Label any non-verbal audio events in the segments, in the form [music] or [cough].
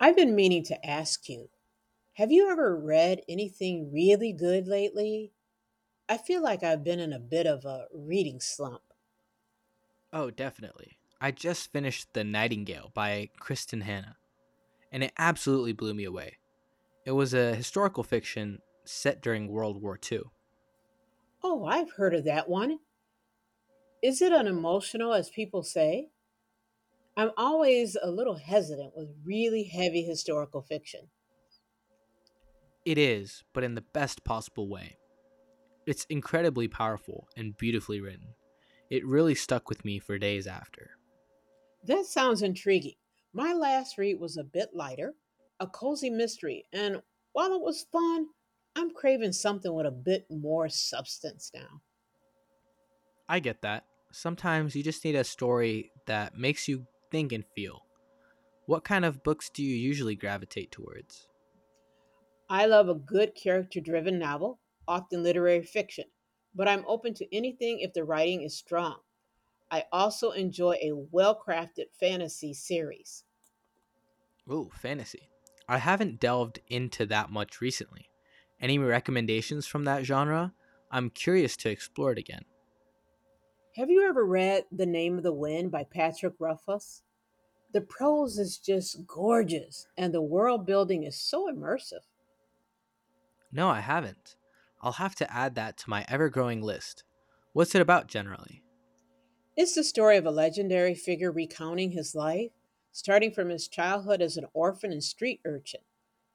I've been meaning to ask you, have you ever read anything really good lately? I feel like I've been in a bit of a reading slump. Oh, definitely. I just finished The Nightingale by Kristen Hanna, and it absolutely blew me away. It was a historical fiction set during World War II. Oh, I've heard of that one. Is it unemotional, as people say? I'm always a little hesitant with really heavy historical fiction. It is, but in the best possible way. It's incredibly powerful and beautifully written. It really stuck with me for days after. That sounds intriguing. My last read was a bit lighter, a cozy mystery, and while it was fun, I'm craving something with a bit more substance now. I get that. Sometimes you just need a story that makes you think and feel. What kind of books do you usually gravitate towards? I love a good character driven novel, often literary fiction, but I'm open to anything if the writing is strong. I also enjoy a well crafted fantasy series. Ooh, fantasy. I haven't delved into that much recently. Any recommendations from that genre? I'm curious to explore it again. Have you ever read The Name of the Wind by Patrick Rothfuss? The prose is just gorgeous, and the world building is so immersive. No, I haven't. I'll have to add that to my ever growing list. What's it about generally? It's the story of a legendary figure recounting his life, starting from his childhood as an orphan and street urchin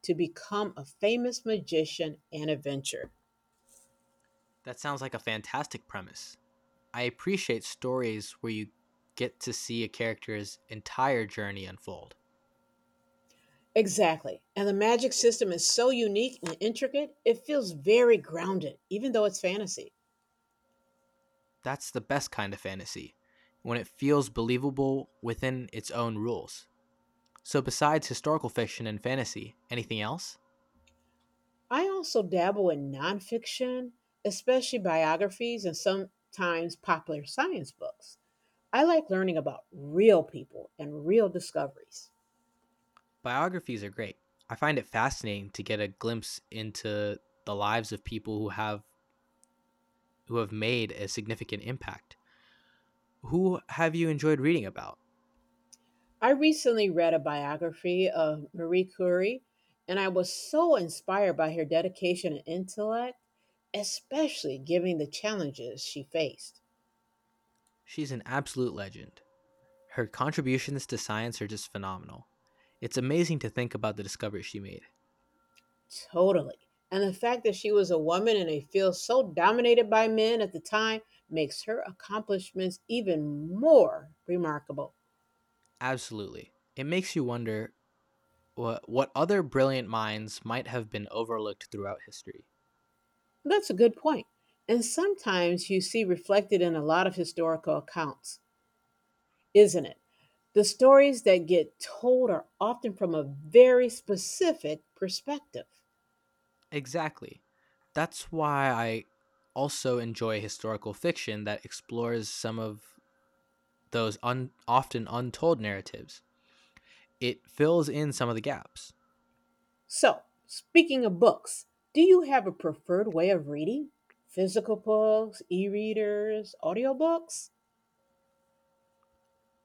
to become a famous magician and adventurer. That sounds like a fantastic premise. I appreciate stories where you get to see a character's entire journey unfold. Exactly. And the magic system is so unique and intricate, it feels very grounded, even though it's fantasy. That's the best kind of fantasy, when it feels believable within its own rules. So, besides historical fiction and fantasy, anything else? I also dabble in nonfiction, especially biographies and sometimes popular science books. I like learning about real people and real discoveries. Biographies are great. I find it fascinating to get a glimpse into the lives of people who have made a significant impact. Who have you enjoyed reading about? I recently read a biography of Marie Curie, and I was so inspired by her dedication and intellect, especially given the challenges she faced. She's an absolute legend. Her contributions to science are just phenomenal. It's amazing to think about the discoveries she made. Totally. And the fact that she was a woman in a field so dominated by men at the time makes her accomplishments even more remarkable. Absolutely. It makes you wonder what other brilliant minds might have been overlooked throughout history. That's a good point. And sometimes you see reflected in a lot of historical accounts, isn't it? The stories that get told are often from a very specific perspective. Exactly. That's why I also enjoy historical fiction that explores some of those often untold narratives. It fills in some of the gaps. So, speaking of books, do you have a preferred way of reading? Physical books, e readers, audiobooks?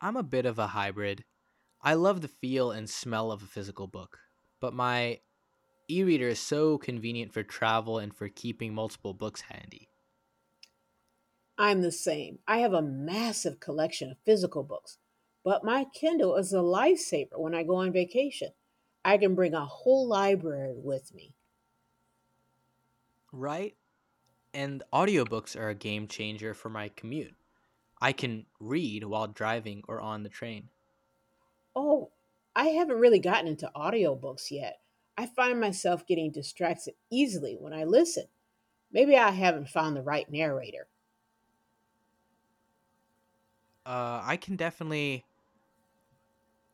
I'm a bit of a hybrid. I love the feel and smell of a physical book, but my e reader is so convenient for travel and for keeping multiple books handy. I'm the same. I have a massive collection of physical books, but my Kindle is a lifesaver when I go on vacation. I can bring a whole library with me. Right? And audiobooks are a game changer for my commute. I can read while driving or on the train. Oh, I haven't really gotten into audiobooks yet. I find myself getting distracted easily when I listen. Maybe I haven't found the right narrator. I can definitely,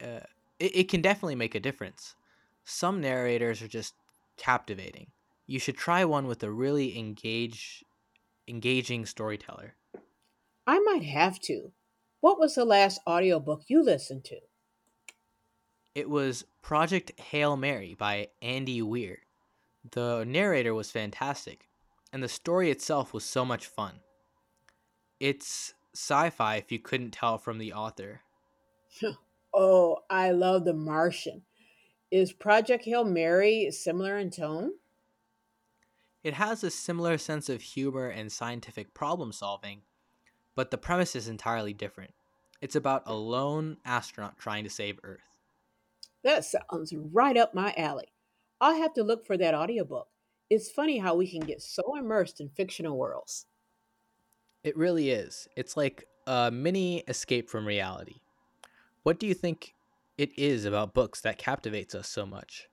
uh, it can definitely make a difference. Some narrators are just captivating. You should try one with a really engaging storyteller. I might have to. What was the last audiobook you listened It was Project Hail Mary by Andy Weir. The narrator was fantastic, and the story itself was so much fun. It's sci fi if you couldn't tell from the author. to? [laughs] Oh, I love The Martian. Is Project Hail Mary similar in tone? It has a similar sense of humor and scientific problem solving, but the premise is entirely different. It's about a lone astronaut trying to save Earth. That sounds right up my alley. I'll have to look for that audiobook. It's funny how we can get so immersed in fictional worlds. It really is. It's like a mini escape from reality. What do you think it is about books that captivates us so much?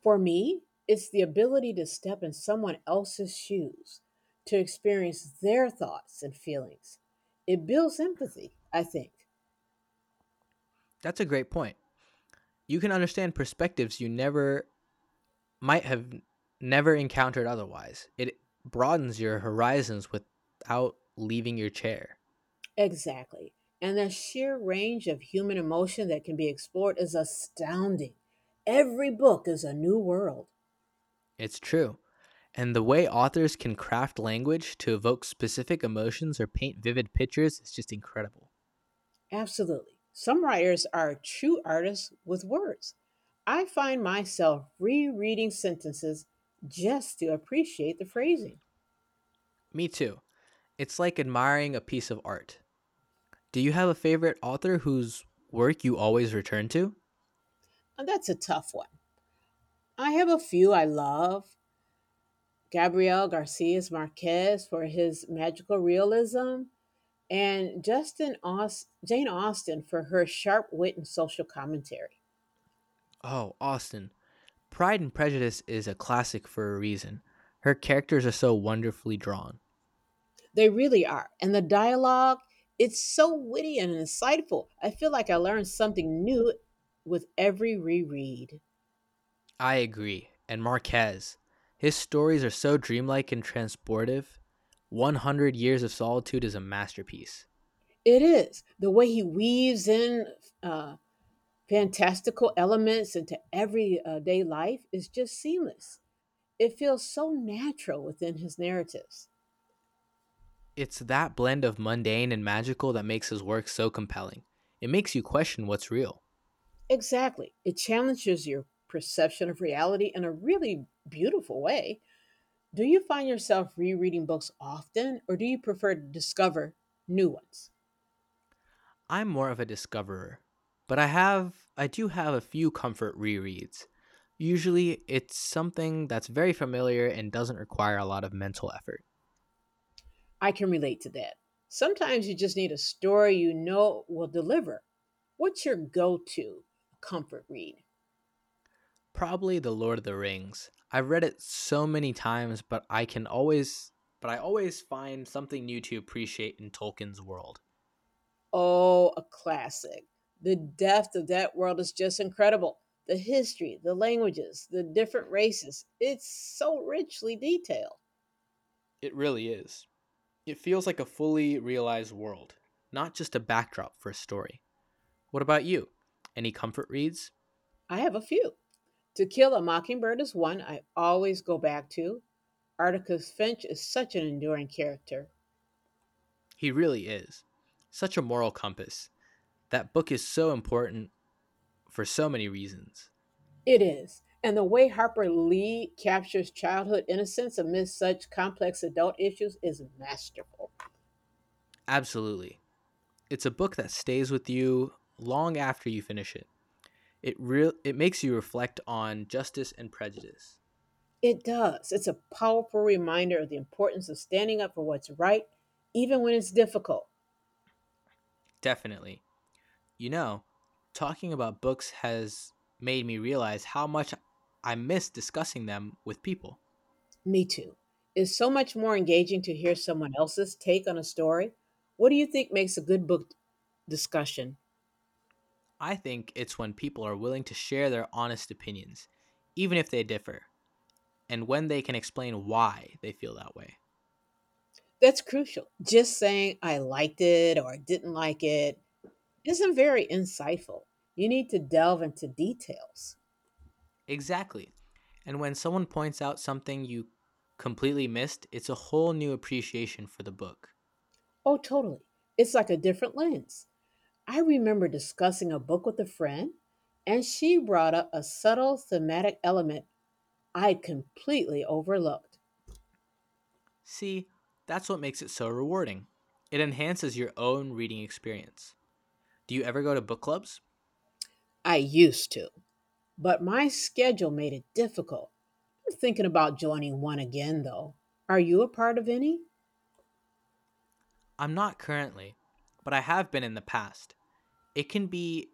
For me, it's the ability to step in someone else's shoes, to experience their thoughts and feelings. It builds empathy, I think. That's a great point. You can understand perspectives you never might have never encountered otherwise. It broadens your horizons without leaving your chair. Exactly. And the sheer range of human emotion that can be explored is astounding. Every book is a new world. It's true. And the way authors can craft language to evoke specific emotions or paint vivid pictures is just incredible. Absolutely. Some writers are true artists with words. I find myself rereading sentences just to appreciate the phrasing. Me too. It's like admiring a piece of art. Do you have a favorite author whose work you always return to? And that's a tough one, I have a few I love. Gabriel Garcias Marquez for his magical realism, and Jane Austen for her sharp wit and social commentary. Oh, Austen. Pride and Prejudice is a classic for a reason. Her characters are so wonderfully drawn. They really are. And the dialogue, it's so witty and insightful. I feel like I learn something new with every reread. I agree. And Marquez. His stories are so dreamlike and transportive. 100 Years of Solitude is a masterpiece. It is. The way he weaves in uh, fantastical elements into everyday life is just seamless. It feels so natural within his narratives. It's that blend of mundane and magical that makes his work so compelling. It makes you question what's real. Exactly. It challenges your perception of reality in a really beautiful way. Do you find yourself rereading books often, or do you prefer to discover new ones? I'm more of a discoverer, but I do have a few comfort rereads. Usually it's something that's very familiar and doesn't require a lot of mental effort. I can relate to that. Sometimes you just need a story you know will deliver. What's your go to comfort read? Probably The Lord of the Rings. I've read it so many times, but I always find something new to appreciate in Tolkien's world. Oh, a classic. The depth of that world is just incredible. The history, the languages, the different races. It's so richly detailed. It really is. It feels like a fully realized world, not just a backdrop for a story. What about you? Any comfort reads? I have a few. To Kill a Mockingbird is one I always go back to. Atticus Finch is such an enduring character. He really is. Such a moral compass. That book is so important for so many reasons. It is. And the way Harper Lee captures childhood innocence amidst such complex adult issues is masterful. Absolutely. It's a book that stays with you long after you finish it. It real it makes you reflect on justice and prejudice. It does. It's a powerful reminder of the importance of standing up for what's right, even when it's difficult. Definitely. You know, talking about books has made me realize how much I miss discussing them with people. Me too. It's so much more engaging to hear someone else's take on a story. What do you think makes a good book discussion? I think it's when people are willing to share their honest opinions, even if they differ, and when they can explain why they feel that way. That's crucial. Just saying I liked it or I didn't like it isn't very insightful. You need to delve into details. Exactly. And when someone points out something you completely missed, it's a whole new appreciation for the book. Oh, totally. It's like a different lens. I remember discussing a book with a friend and she brought up a subtle thematic element I'd completely overlooked. See, that's what makes it so rewarding. It enhances your own reading experience. Do you ever go to book clubs? I used to, but my schedule made it difficult. I'm thinking about joining one again, though. Are you a part of any? I'm not currently, but I have been in the past. It can be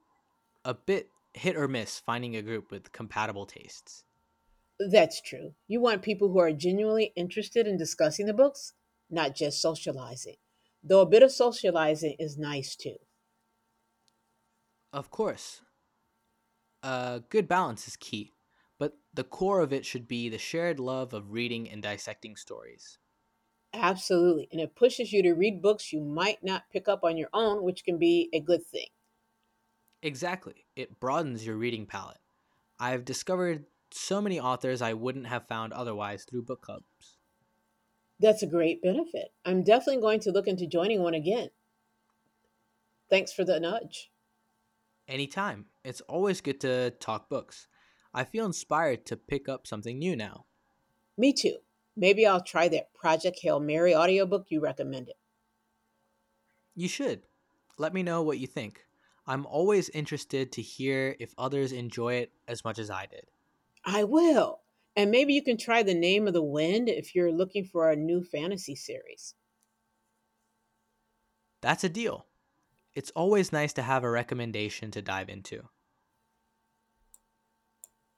a bit hit or miss finding a group with compatible tastes. That's true. You want people who are genuinely interested in discussing the books, not just socializing. Though a bit of socializing is nice too. Of course, a good balance is key, but the core of it should be the shared love of reading and dissecting stories. Absolutely. And it pushes you to read books you might not pick up on your own, which can be a good thing. Exactly, it broadens your reading palette. I've discovered so many authors I wouldn't have found otherwise through book clubs. That's a great benefit. I'm definitely going to look into joining one again. Thanks for the nudge. Anytime, it's always good to talk books. I feel inspired to pick up something new now. Me too. Maybe I'll try that Project Hail Mary audiobook you recommended. You should. Let me know what you think. I'm always interested to hear if others enjoy it as much as I did. I will. And maybe you can try The Name of the Wind if you're looking for a new fantasy series. That's a deal. It's always nice to have a recommendation to dive into.